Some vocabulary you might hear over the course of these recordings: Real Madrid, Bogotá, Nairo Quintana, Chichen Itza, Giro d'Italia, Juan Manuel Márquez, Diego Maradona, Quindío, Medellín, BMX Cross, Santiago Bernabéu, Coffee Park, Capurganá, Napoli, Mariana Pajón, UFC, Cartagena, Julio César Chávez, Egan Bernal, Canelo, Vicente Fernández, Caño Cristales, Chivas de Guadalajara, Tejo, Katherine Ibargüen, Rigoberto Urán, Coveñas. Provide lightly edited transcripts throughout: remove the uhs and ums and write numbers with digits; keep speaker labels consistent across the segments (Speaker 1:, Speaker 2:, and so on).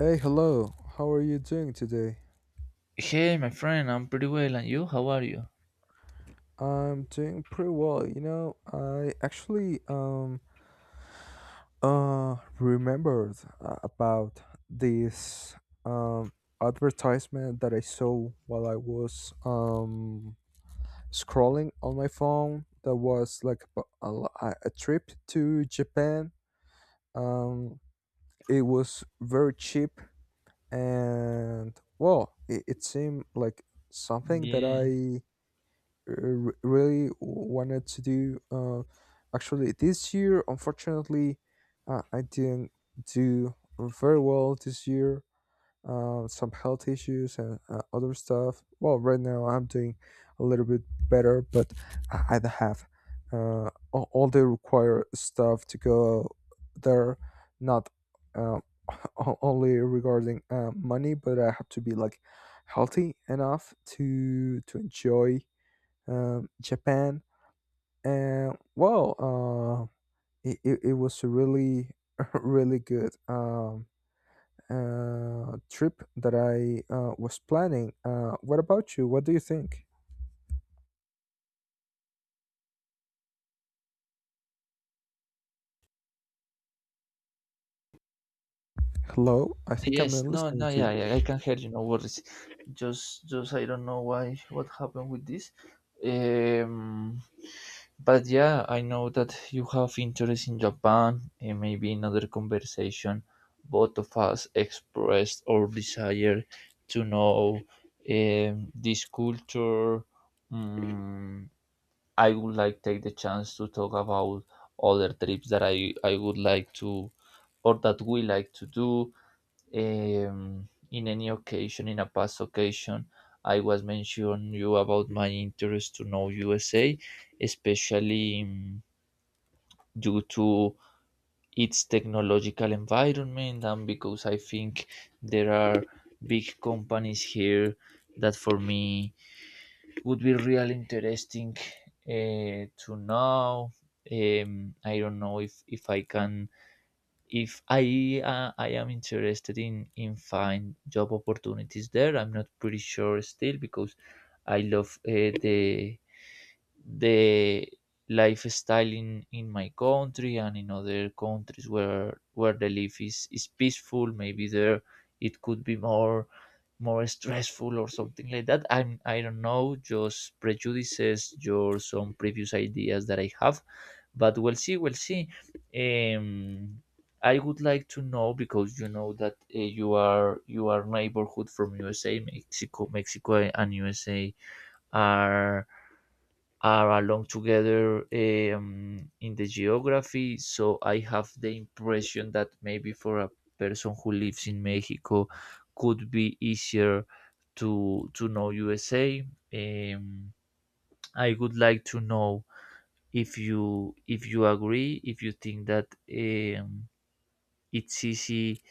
Speaker 1: Hey, hello. How are you doing today?
Speaker 2: Hey, my friend, I'm pretty well, and you? How are you?
Speaker 1: I'm doing pretty well. You know, I actually remembered about this um advertisement that I saw while I was scrolling on my phone. That was like a trip to Japan. Um, it was very cheap and well, it seemed like something that
Speaker 2: Yeah.
Speaker 1: I really wanted to do. Actually, this year, unfortunately, I didn't do very well this year. Some health issues and other stuff. Well, right now I'm doing a little bit better, but I don't have all the required stuff to go there. Not uh, only regarding money, but I have to be like healthy enough to enjoy Japan, and well, it was a really really good trip that I was planning. What about you? What do you think? Hello, I think I'm
Speaker 2: Yes.
Speaker 1: not
Speaker 2: No.
Speaker 1: listening
Speaker 2: No.
Speaker 1: to
Speaker 2: Yeah.
Speaker 1: you.
Speaker 2: Yeah. I can hear you. No worries. Just I don't know why what happened with this. Um. But yeah, I know that you have interest in Japan, and maybe in other conversation, both of us expressed our desire to know this culture. Um, I would like take the chance to talk about other trips that I would like to or that we like to do in any occasion in a past occasion I was mentioning you about my interest to know USA, especially due to its technological environment, and because I think there are big companies here that for me would be really interesting to know. I don't know if I can if I I am interested in find job opportunities there. I'm not pretty sure still because I love the the lifestyle in my country and in other countries where the life is peaceful. Maybe there it could be more stressful or something like that. I don't know, just prejudices your some previous ideas that I have, but we'll see, we'll see. um I would like to know because you know that you are neighborhood from USA. Mexico and USA are along together in the geography. So I have the impression that maybe for a person who lives in Mexico, could be easier to know USA. Um, I would like to know if you agree, if you think that um, it's easy.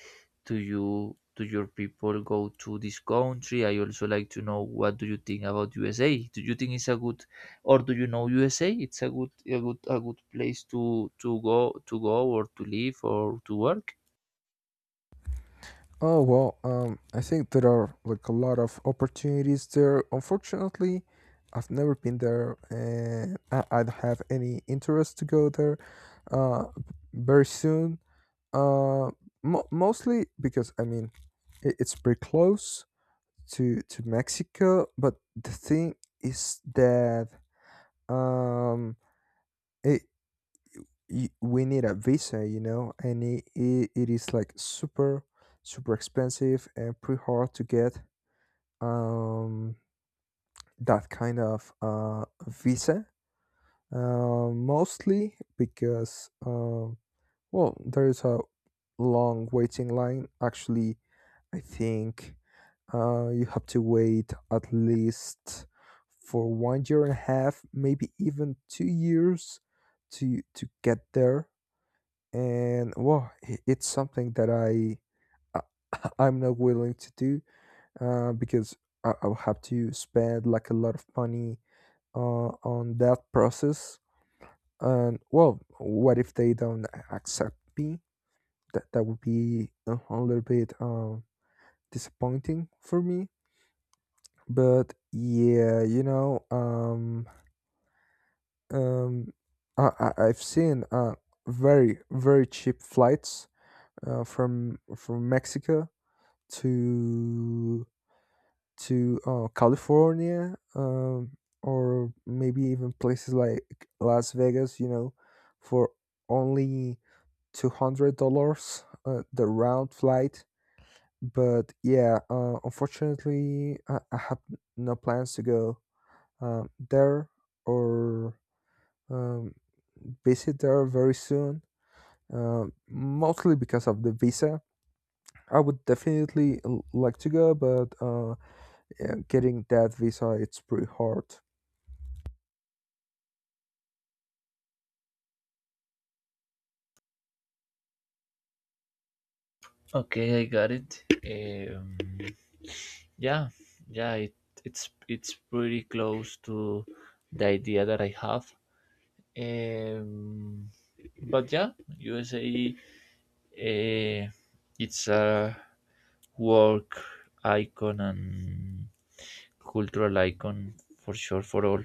Speaker 2: Do you do your people go to this country? I also like to know what do you think about USA? Do you think it's a good or do you know USA? It's a good a good place to go or to live or to work.
Speaker 1: Oh well, I think there are like a lot of opportunities there. Unfortunately, I've never been there, and I don't have any interest to go there. Uh, very soon. Uh, Mostly because I mean, It's pretty close to Mexico, but the thing is that um it we need a visa, you know, and it is like super super expensive and pretty hard to get um that kind of visa. Mostly because well, there is a long waiting line. Actually, I think you have to wait at least for 1 year and a half, maybe even 2 years to get there. And well, it's something that I'm not willing to do because I'll have to spend like a lot of money on that process. And well, what if they don't accept me? That would be a little bit disappointing for me, but yeah, um I've seen very very cheap flights from mexico to to california or maybe even places like las vegas, you know, for only $200, the round flight. But yeah, unfortunately, I have no plans to go there or um, visit there very soon. Mostly because of the visa. I would definitely like to go, but yeah, getting that visa it's pretty hard.
Speaker 2: Okay, I got it. Yeah, yeah, it's pretty close to the idea that I have. Um, but yeah, USA, uh, it's a work icon and cultural icon for sure for all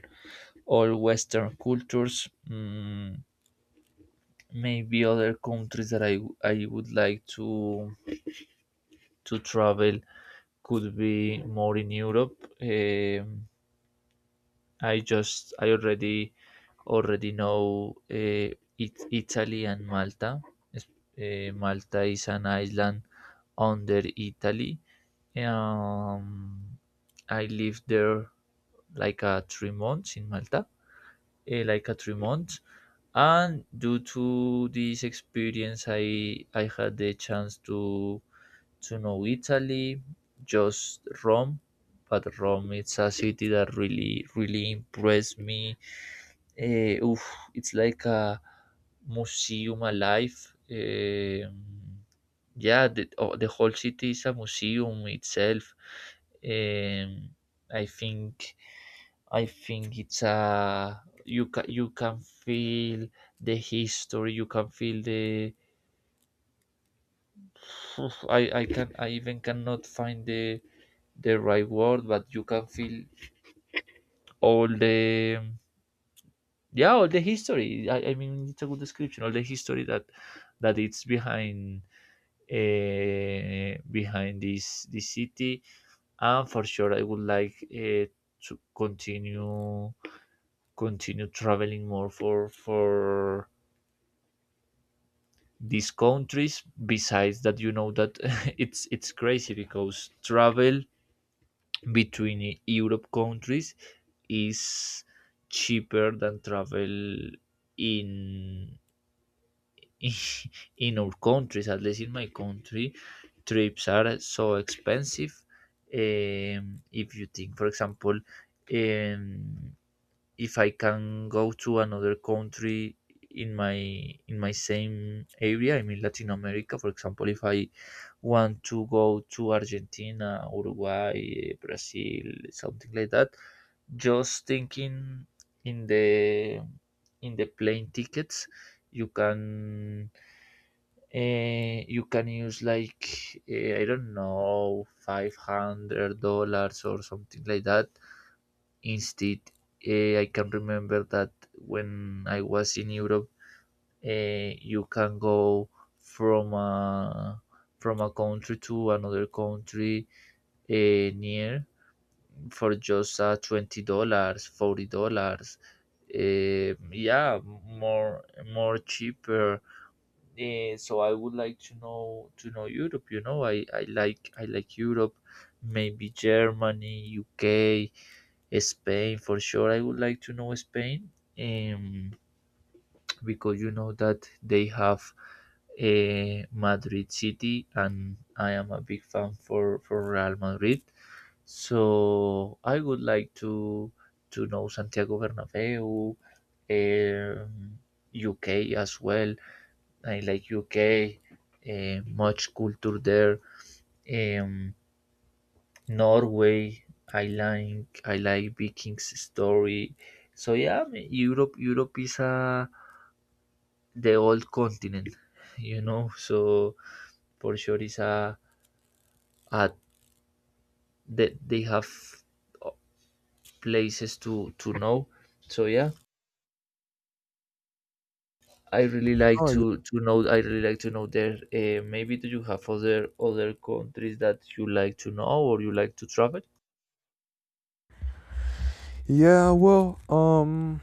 Speaker 2: all Western cultures. Mm, maybe other countries that I would like to travel could be more in Europe. I already know Italy and Malta. Es- Malta is an island under Italy. Um, I lived there like 3 months in Malta, eh, like three months. And due to this experience, I had the chance to know Italy, just Rome. But Rome, it's a city that really, really impressed me. Eh, oof, it's like a museum alive. Um, yeah, the whole city is a museum itself. Um, I think I think it's a you can feel the history. You can feel the. I even cannot find the right word, but you can feel all the yeah all the history. I mean it's a good description. All the history that it's behind behind this city, and for sure I would like to continue traveling more for these countries. Besides that, you know that it's crazy because travel between Europe countries is cheaper than travel in in our countries. At least in my country, trips are so expensive. If you think, for example, um, if I can go to another country in my in my same area, I mean Latin America. For example, if I want to go to Argentina, Uruguay, Brazil, something like that, just thinking in the in the plane tickets, you can you can use like I don't know, $500 or something like that. Instead, I can remember that when I was in Europe, you can go from a, from a country to another country near for just $20, $40. Yeah, more cheaper. So I would like to know Europe. You know, I like Europe, maybe Germany, UK, Spain for sure. I would like to know Spain, um, because you know that they have a Madrid City, and I am a big fan for Real Madrid. So I would like to know Santiago Bernabeu, um, UK as well. I like UK, much culture there. Um, Norway, I like Vikings story. So yeah, Europe is a the old continent, you know. So for sure is a they have uh, places to know. So yeah, I really like
Speaker 1: Oh y-
Speaker 2: to know. I really like to know there. Maybe do you have other countries that you like to know or you like to travel?
Speaker 1: yeah, well,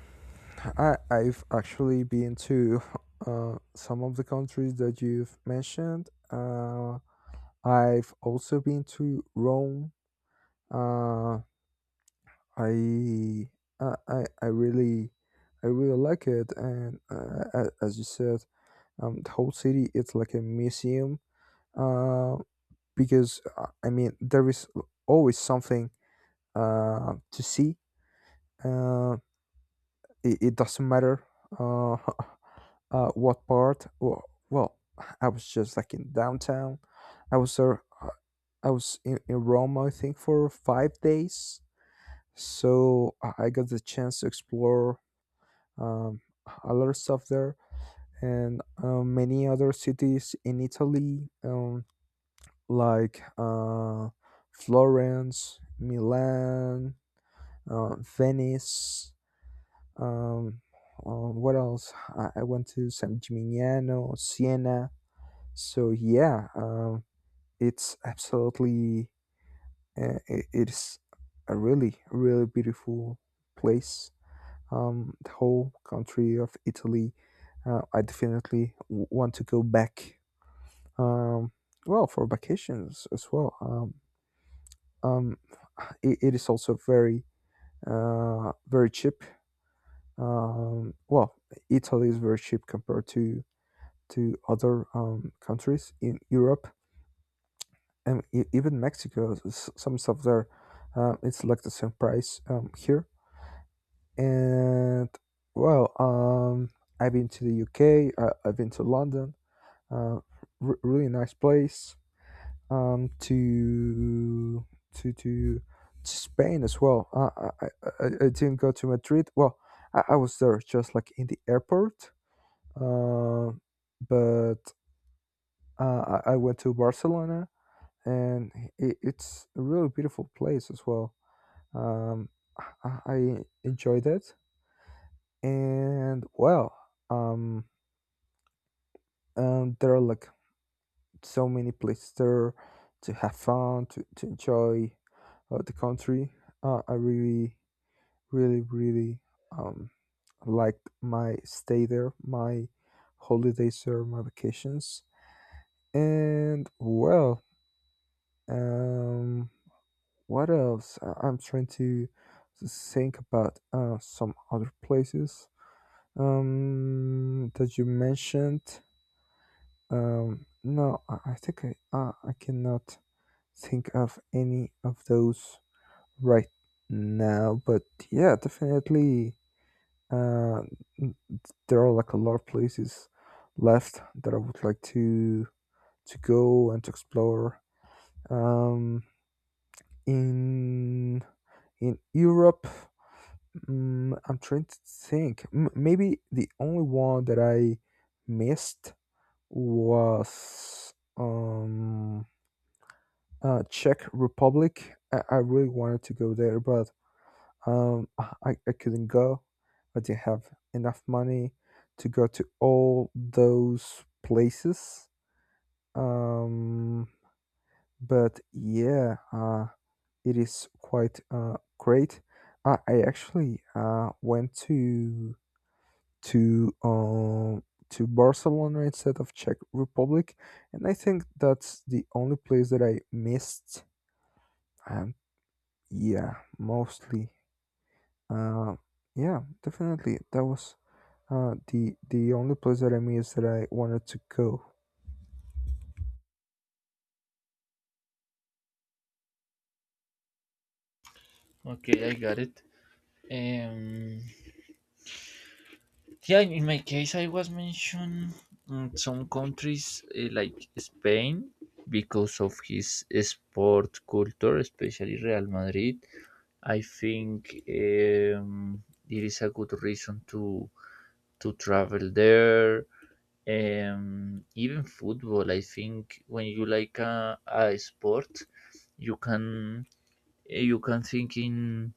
Speaker 1: I I've actually been to some of the countries that you've mentioned. I've also been to Rome. Uh, I, I, I I really, I really like it, and a- as you said, the whole city it's like a museum. Uh, because I mean, there is always something to see. Uh, it, it doesn't matter, uh, what part. Well, well, I was just like in downtown. I was there. uh, I was in Rome, I think, for 5 days, so I got the chance to explore um, a lot of stuff there and many other cities in italy, like florence, milan, venice, um, what else. I went to san gimignano, siena, so yeah, it's absolutely it's a really really beautiful place, the whole country of Italy. I definitely want to go back. Um, well, for vacations as well. Um, it is also very very cheap. Well, Italy is very cheap compared to other countries in Europe and even Mexico. Some stuff there, it's like the same price here. And well, I've been to the UK. I've been to London. uh, Really nice place um, to to Spain as well. I didn't go to Madrid. Well, I was there just like in the airport, uh, but I went to Barcelona, and it, it's a really beautiful place as well. Um, I enjoyed it, and well, um, there are like so many places there to have fun, to enjoy the country. I really, really, really um, liked my stay there, my holidays there, my vacations. And well, um, what else? I- I'm trying to think about some other places that you mentioned. No, I think I cannot think of any of those right now, but yeah, definitely. Uh, there are like a lot of places left that I would like to go and to explore. Um, in in Europe, mm I'm trying to think. Maybe the only one that I missed was Czech Republic. I really wanted to go there, but I couldn't go. I didn't have enough money to go to all those places. Um, but yeah, it is quite great. I actually went to um, to Barcelona instead of Czech Republic, and I think that's the only place that I missed. Um, yeah, mostly. Uh, yeah, definitely. That was the only place that I missed that I wanted to go.
Speaker 2: Okay, I got it. Um, yeah, in my case, I was mentioned mm, some countries like Spain, because of his sport culture, especially Real Madrid. I think it is a good reason to travel there. Even football, I think when you like a sport, you can you can think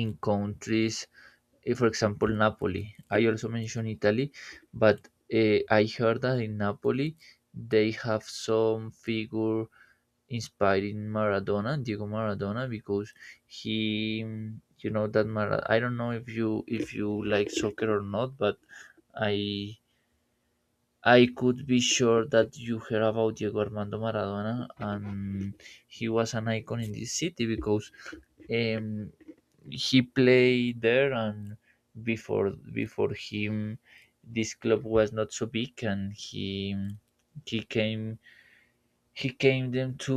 Speaker 2: in countries, for example, Napoli. I also mentioned Italy, but I heard that in Napoli they have some figure inspired in Maradona, Diego Maradona, because he, you know, that Mara. I don't know if you like soccer or not, but I I could be sure that you heard about Diego Armando Maradona, and he was an icon in this city because um, he played there, and before him this club was not so big, and he he came he came them to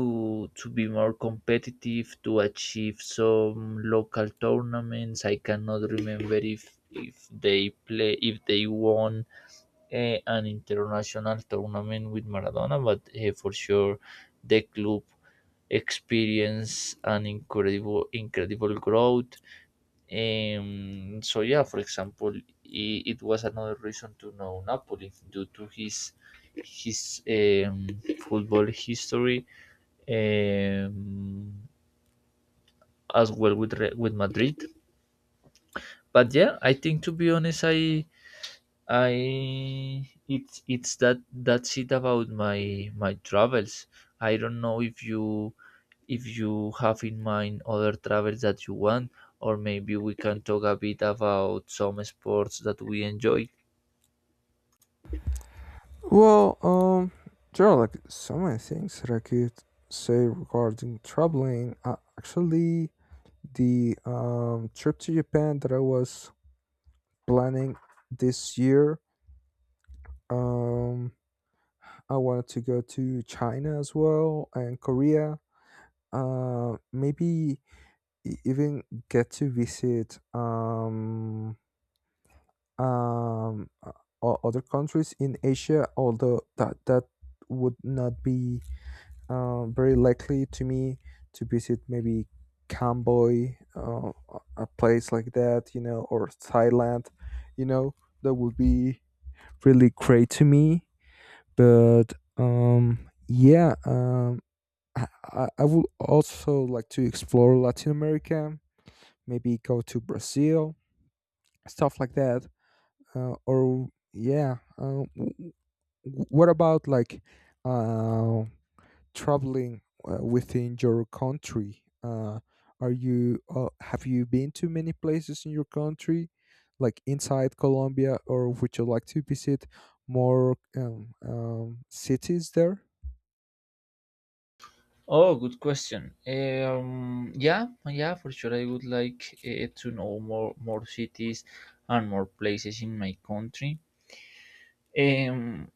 Speaker 2: be more competitive, to achieve some local tournaments. I cannot remember if they play, if they won an international tournament with Maradona, but for sure the club experienced an incredible growth. So yeah, for example, I it was another reason to know Napoli due to his his um, football history, um, as well with Madrid. But yeah, I think to be honest, I it's that that's it about my travels. I don't know if you have in mind other travels that you want, or maybe we can talk a bit about some sports that we enjoy.
Speaker 1: Well, there are like so many things that I could say regarding traveling. Actually, the trip to Japan that I was planning this year, um, I wanted to go to China as well and Korea. Maybe even get to visit um, uh, other countries in Asia, although that that would not be very likely to me to visit maybe Camboy, a place like that, you know, or Thailand, you know, that would be really great to me. But yeah, I would also like to explore Latin America, maybe go to Brazil, stuff like that, or yeah. What about like uh, traveling within your country? Are you have you been to many places in your country, like inside Colombia, or would you like to visit more cities there?
Speaker 2: Oh, good question. Yeah, yeah, for sure. I would like to know more cities and more places in my country. Um,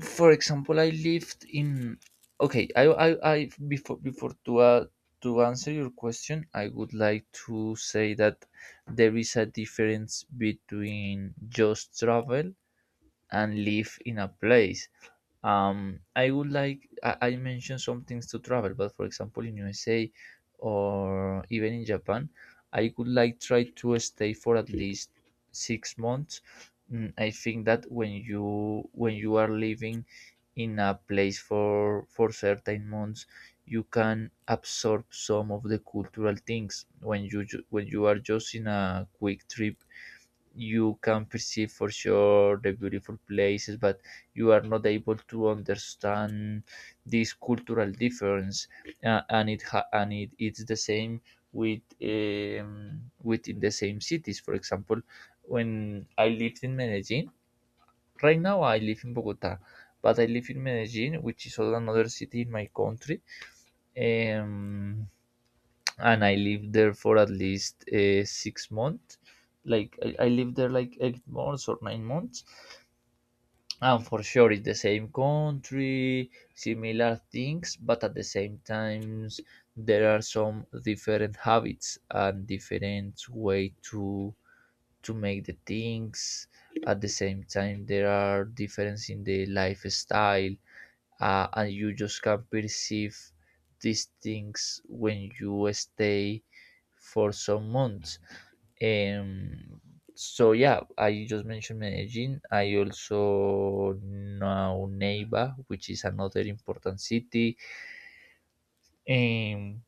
Speaker 2: for example, I lived in. Okay, I before to answer your question, I would like to say that there is a difference between just travel and live in a place. I would like I mentioned some things to travel, but for example in USA or even in Japan, I would like try to stay for at least 6 months. Mm, I think that when you are living in a place for certain months, you can absorb some of the cultural things. When you when you are just in a quick trip, you can perceive for sure the beautiful places, but you are not able to understand this cultural difference. And it and it's the same with within the same cities. For example, when I lived in Medellin, right now I live in Bogota, but I live in Medellin, which is another city in my country. um, and I lived there for at least 6 months. Like, I lived there like 8 months or 9 months, and for sure it's the same country, similar things, but at the same times there are some different habits and different way to make the things. At the same time, there are difference in the lifestyle. And you just can perceive these things when you stay for some months. Um, so yeah, I just mentioned Medellin. I also know Neiva, which is another important city. Um,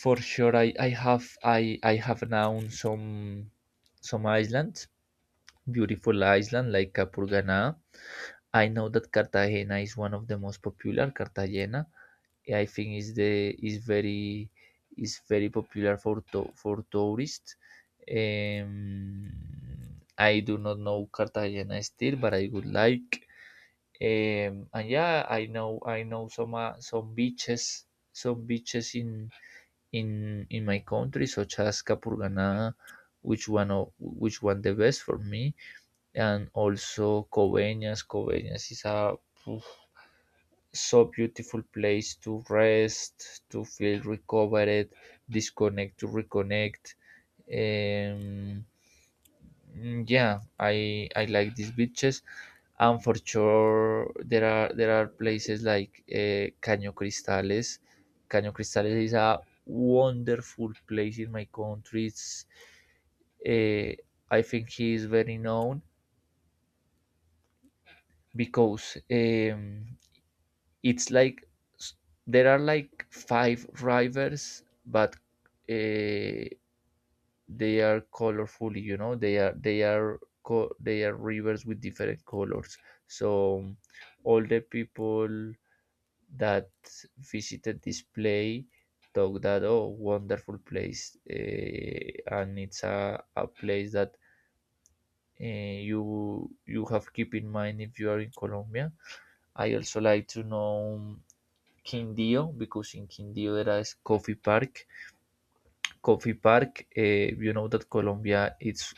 Speaker 2: for sure, I have known some islands, beautiful island like Capurganá. I know that Cartagena is one of the most popular, Cartagena. I think is the is very popular for tourists. Um, I do not know Cartagena still, but I would like. And yeah, I know some beaches, some beaches in in my country, such as Capurganá, which one which one the best for me, and also Coveñas. Coveñas is a so beautiful place to rest, to feel recovered, disconnect, to reconnect. Um, yeah, I like these beaches, and for sure there are places like Caño Cristales. Caño Cristales is a wonderful place in my country. It's, uh, I think he is very known because it's like there are like five rivers but uh, they are colorfully they are they are rivers with different colors, so all the people that visited this play thought that, oh, wonderful place. And it's a place that you have keep in mind if you are in Colombia. I also like to know Quindio, because in Quindio there is Coffee Park. Coffee Park, you know that Colombia is,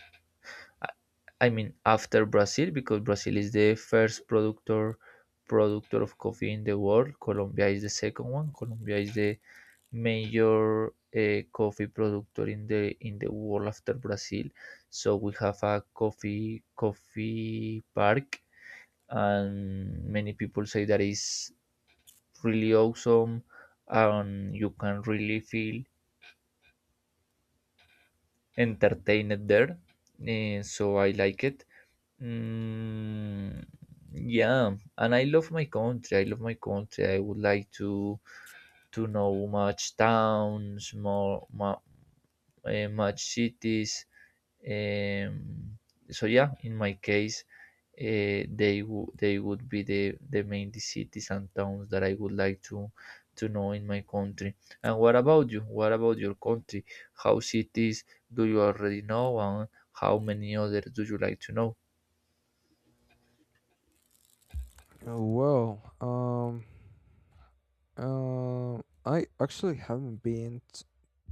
Speaker 2: I mean, after Brazil, because Brazil is the first productor of coffee in the world. Colombia is the second one. Colombia is the major coffee productor in the world after Brazil. So we have a coffee park, and many people say that is really awesome, and you can really feel entertained there. So I like it. Mm, yeah, and I love my country. I love my country. I would like to know much towns, much cities. Um, so yeah, in my case, they would be the main cities and towns that I would like to know in my country. And what about you? What about your country? How cities do you already know, and how many others do you like to know?
Speaker 1: Oh, well, I actually haven't been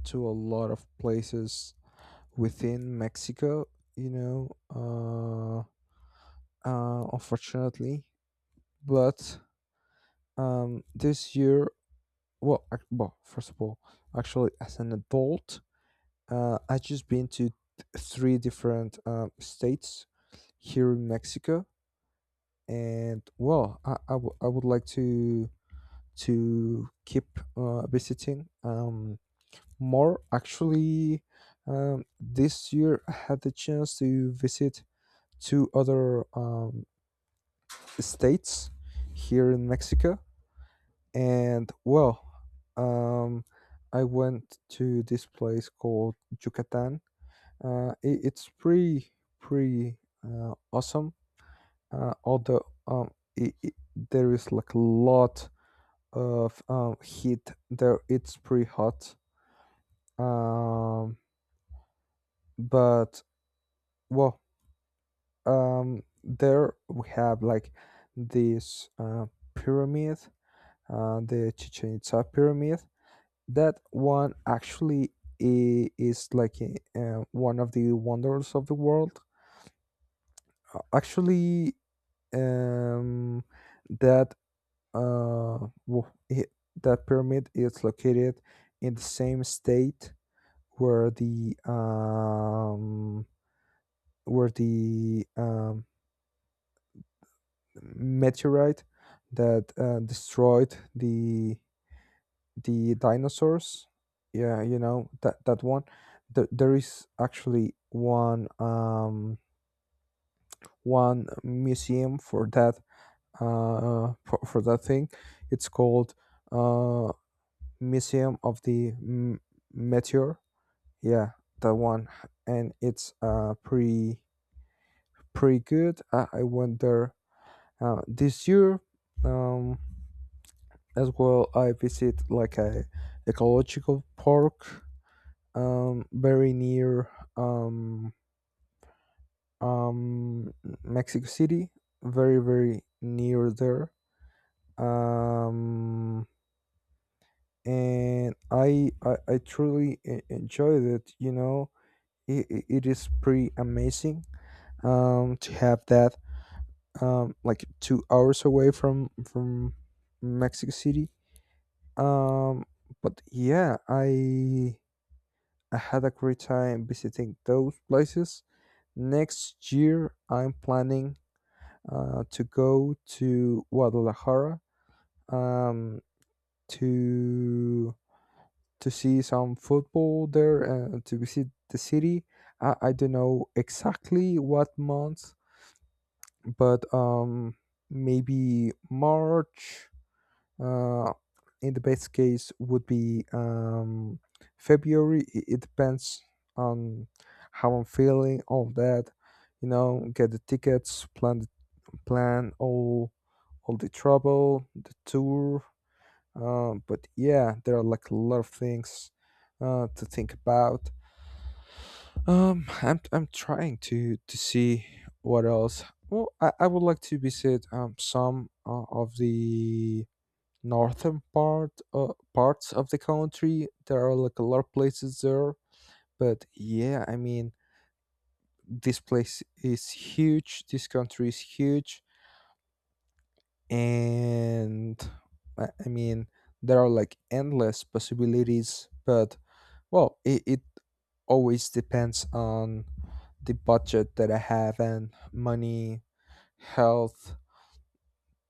Speaker 1: to a lot of places within Mexico, you know, unfortunately. But this year, well, well, first of all, actually, as an adult, I just been to three different states here in Mexico, and well, I would like to keep visiting. More actually, this year I had the chance to visit two other states here in Mexico, and well, um, I went to this place called Yucatan. It, it's pretty pretty awesome, although it, there is like a lot of heat there. It's pretty hot, um, but well, there we have like this pyramid, the chichen itza pyramid. That one actually is like a, one of the wonders of the world. Actually, um that uh wo- i- that pyramid is located in the same state where the where the um meteorite that destroyed the dinosaurs. Yeah, you know that that one. There is actually one one museum for that, for that thing. It's called uh, Museum of the Meteor. Yeah, that one, and it's pretty pretty good. I went there this year. Um, as well I visit like a ecological park, very near um, um, mexico city, very very near there, um, and I truly enjoyed it, you know. It is pretty amazing to have that like 2 hours away from mexico city, um, but yeah, I had a great time visiting those places. Next year, I'm planning to go to Guadalajara, um, to to see some football there and to visit the city. I don't know exactly what month, but maybe March, uh, in the best case would be February. It depends on how I'm feeling, all that. You know, get the tickets, plan the, plan all the travel, the tour. But yeah, there are like a lot of things to think about. I'm trying to see what else. Well, I would like to visit some of the northern part, parts of the country. There are like a lot of places there, but yeah, I mean, this place is huge. This country is huge, and I mean, there are like endless possibilities. But well, it always depends on the budget that I have and money, health.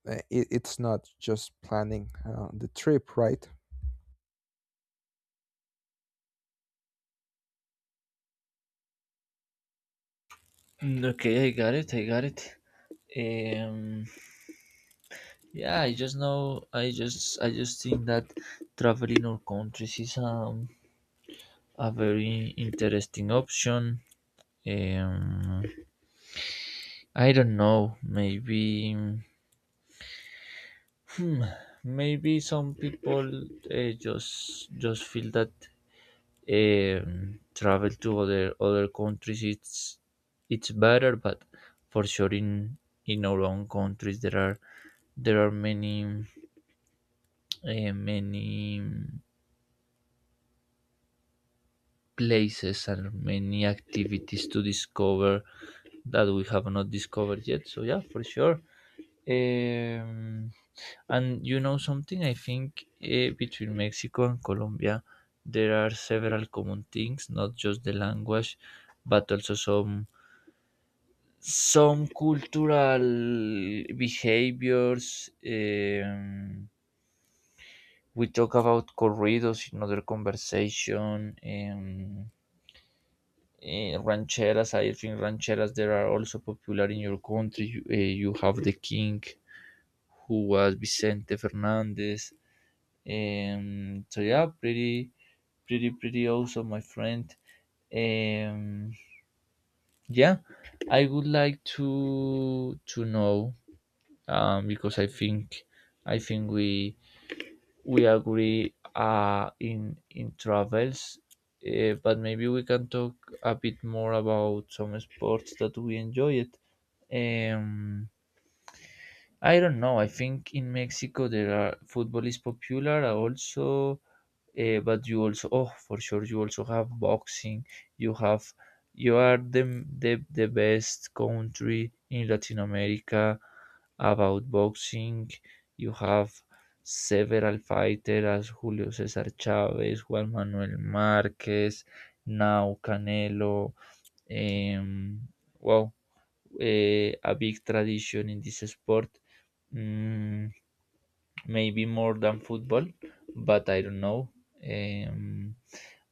Speaker 1: It, it's not just planning the trip, right?
Speaker 2: Mm, okay, I got it. I got it. Um, yeah, I just know. I just think that traveling our countries is a very interesting option. Um, I don't know. Maybe, hmm, maybe some people just feel that travel to other countries it's better, but for sure in our own countries there are many many places and many activities to discover that we have not discovered yet. So yeah, for sure. Um, and you know something, I think between Mexico and Colombia, there are several common things, not just the language, but also some cultural behaviors. We talk about corridos in other conversation. Rancheras, I think rancheras there are also popular in your country. You, you have the king, who was Vicente Fernandez. So yeah, pretty, pretty, pretty awesome, my friend. Um, yeah, I would like to know, because I think I think we we agree in travels, but maybe we can talk a bit more about some sports that we enjoyed. Um, I don't know. I think in Mexico there are football is popular. Also, but you also, oh, for sure you also have boxing. You have, you are the the best country in Latin America about boxing. You have several fighters as Julio Cesar Chavez, Juan Manuel Marquez, now Canelo. um, wow, a big tradition in this sport. Mm, maybe more than football, but I don't know. Um,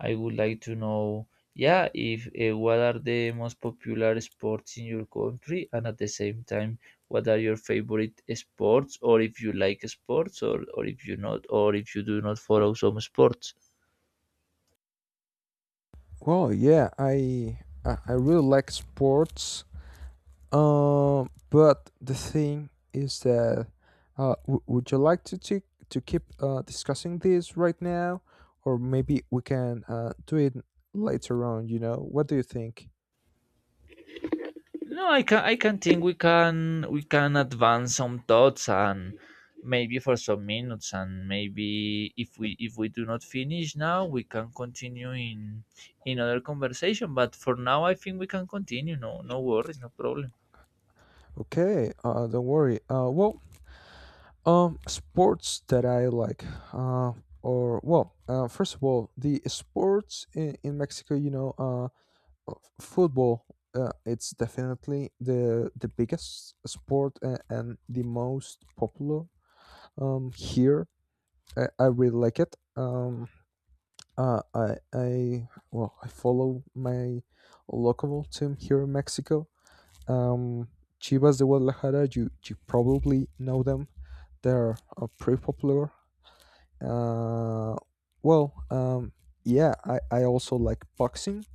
Speaker 2: I would like to know, yeah, if what are the most popular sports in your country, and at the same time, what are your favorite sports, or if you like sports, or if you not, or if you do not follow some sports.
Speaker 1: Well, yeah, I really like sports. But the thing is that would you like to keep discussing this right now, or maybe we can do it later on? You know, what do you think?
Speaker 2: No, I can think we can advance some thoughts, and maybe for some minutes, and maybe if we do not finish now we can continue in other conversation. But for now I think we can continue. No, no worries, no problem.
Speaker 1: Okay, don't worry. Well, sports that I like, uh, first of all, the sports in Mexico, you know, football, it's definitely the biggest sport and the most popular here. I really like it, I follow my local team here in mexico, um chivas de guadalajara. You probably know them. They're pretty popular. uh well um yeah, I also like boxing.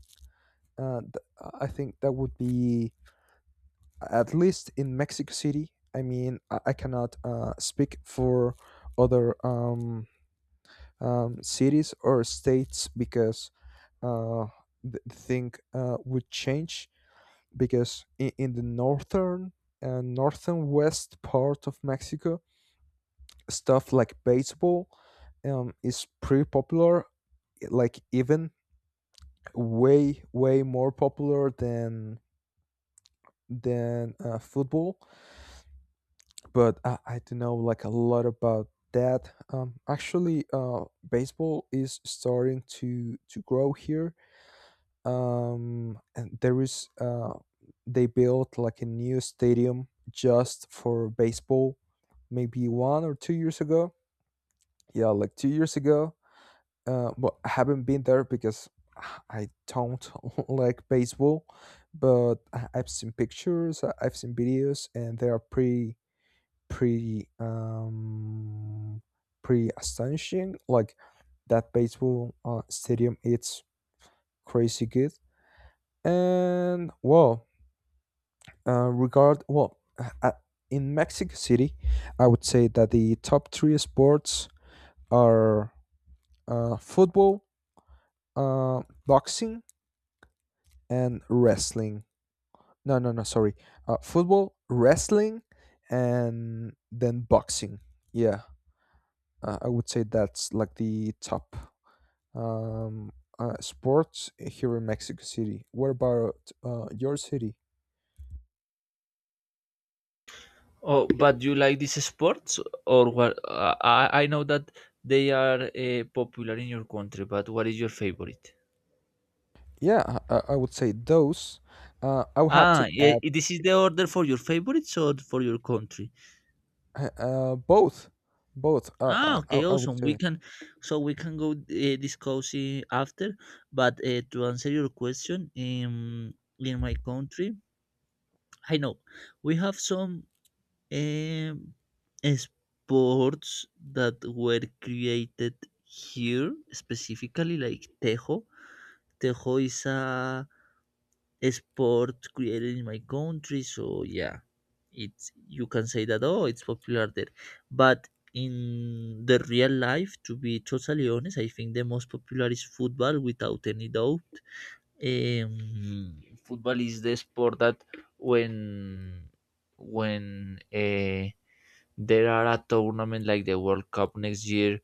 Speaker 1: I think that would be at least in Mexico City. I mean, I cannot speak for other cities or states because uh, the thing would change because in the northern, northern west part of Mexico, stuff like baseball is pretty popular. Like even way way more popular than football, but I don't know like a lot about that. Actually, baseball is starting to grow here. And there is they built like a new stadium just for baseball, maybe 1 or 2 years ago. Yeah, like 2 years ago. But I haven't been there because I don't like baseball. But I've seen pictures, I've seen videos, and they are pretty pretty pretty astonishing. Like that baseball stadium, it's crazy good. And well, uh, regard well, uh, uh, in Mexico City, I would say that the top three sports are football, boxing, and wrestling. No, no, no. Sorry, football, wrestling, and then boxing. Yeah, I would say that's like the top um, sports here in Mexico City. What about your city?
Speaker 2: Oh, but you like these sports or what? I know that they are popular in your country, but what is your favorite?
Speaker 1: Yeah, I would say those. I would have
Speaker 2: Ah,
Speaker 1: to
Speaker 2: yeah,
Speaker 1: add
Speaker 2: this is the order for your favorites or for your country?
Speaker 1: both, both.
Speaker 2: Ah, okay,
Speaker 1: I would
Speaker 2: awesome. We
Speaker 1: say
Speaker 2: can, so we can go discuss it after. But to answer your question, in my country, I know we have some um, sports that were created here specifically, like tejo. Tejo is a sport created in my country, so yeah, it's, you can say that, oh, it's popular there, but in the real life, to be totally honest, I think the most popular is football without any doubt. Um, football is the sport that when when uh, there are a tournament like the World Cup next year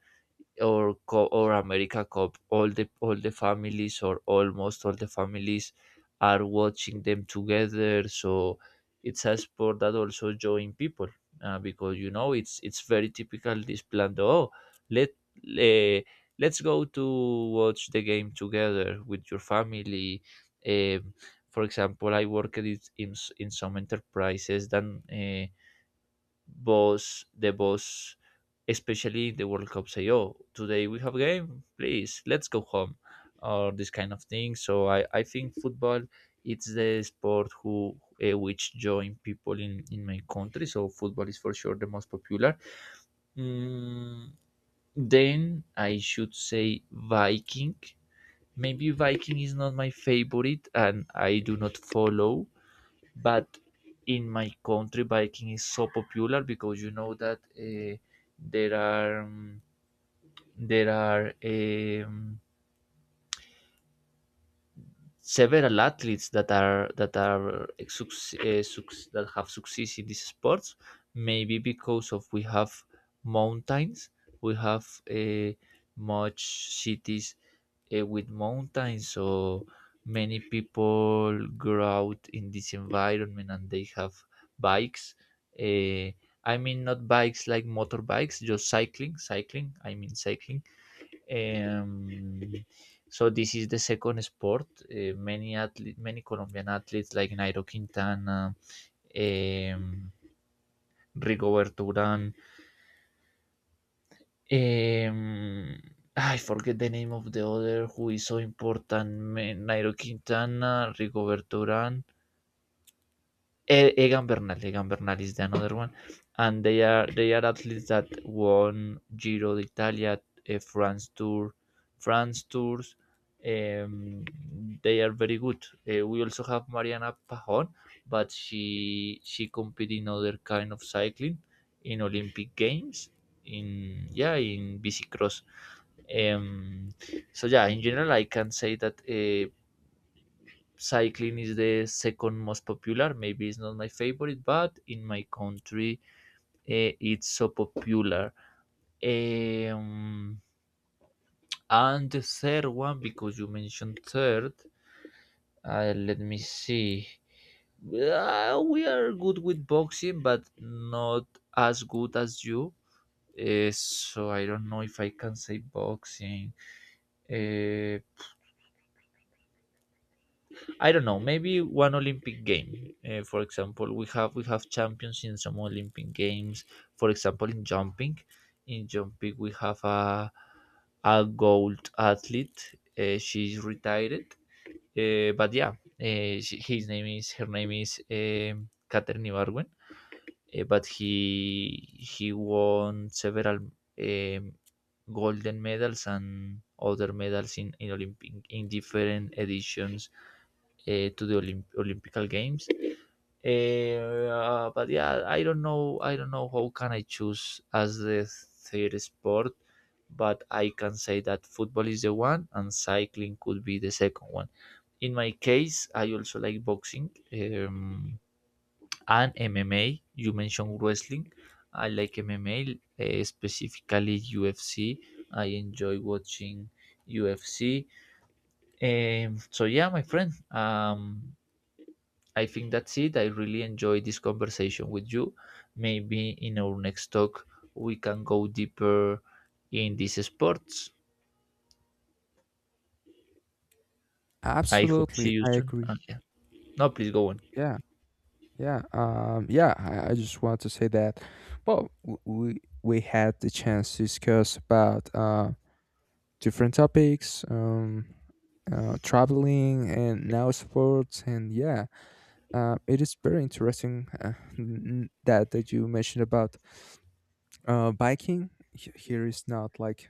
Speaker 2: or or America Cup, all the families, or almost all the families, are watching them together. So it's a sport that also join people, because you know it's very typical this plan. Oh, let, eh, let's go to watch the game together with your family. Um, for example, I worked it in in some enterprises that the boss, especially in the World Cup, say, "Oh, today we have game. Please, let's go home," or this kind of thing. So I think football, it's the sport who which join people in my country. So football is for sure the most popular. Mm, then I should say Viking. Maybe Viking is not my favorite, and I do not follow, but in my country biking is so popular because you know that there are there are um, several athletes that are that are that have success in these sports, maybe because of we have mountains. We have much cities with mountains, so many people grow out in this environment and they have bikes. uh, I mean, not bikes like motorbikes, just cycling I mean cycling. Um, so this is the second sport. Many athlete, many Colombian athletes like Nairo Quintana, um, Rigoberto Urán. Um, I forget the name of the other who is so important. Nairo Quintana, Rigoberto Urán, Egan Bernal. Egan Bernal is the another one, and they are athletes that won Giro d'Italia, France Tour, France Tours. Um, they are very good. We also have Mariana Pajón, but she competed in other kind of cycling, in Olympic Games, in yeah in BC Cross. Um, so yeah, in general, I can say that cycling is the second most popular. Maybe it's not my favorite, but in my country, it's so popular. Um, and the third one, because you mentioned third, let me see. We are good with boxing, but not as good as you. So I don't know if I can say boxing. Eh, I don't know, maybe one Olympic game. For example, we have champions in some Olympic games. For example, in jumping we have a gold athlete. She's retired, but yeah, she, his name is her name is Katherine Ibargüen. But he won several um, golden medals and other medals in Olympic in different editions to the Olympical Games. But yeah, I don't know. I don't know how can I choose as the third sport, but I can say that football is the one and cycling could be the second one. In my case, I also like boxing and MMA. You mentioned wrestling. I like MMA, specifically UFC. I enjoy watching UFC. So yeah, my friend. I think that's it. I really enjoyed this conversation with you. Maybe in our next talk we can go deeper in these sports. I hope see
Speaker 1: absolutely.
Speaker 2: you
Speaker 1: I
Speaker 2: soon.
Speaker 1: agree.
Speaker 2: And yeah. No, please go on.
Speaker 1: Yeah, yeah, yeah. I just want to say that. Well, we had the chance to discuss about different topics, traveling, and now sports, and yeah. It is very interesting, that that you mentioned about biking. Here is not like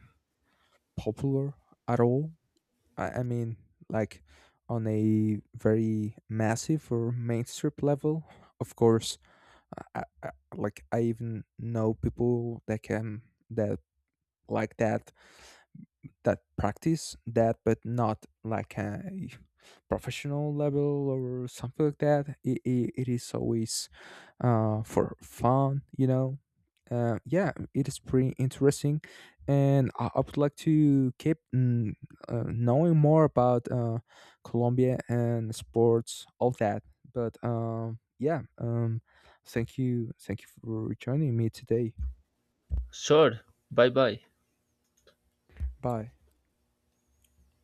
Speaker 1: popular at all. I mean, like on a very massive or mainstream level. Of course, I, I, I- like I even know people that can that like that that practice that, but not like a professional level or something like that. It is always for fun, you know. Yeah, it is pretty interesting, and I would like to keep, knowing more about colombia and sports, all that, but yeah, thank you for joining me today.
Speaker 2: Sure. Bye bye.
Speaker 1: Bye.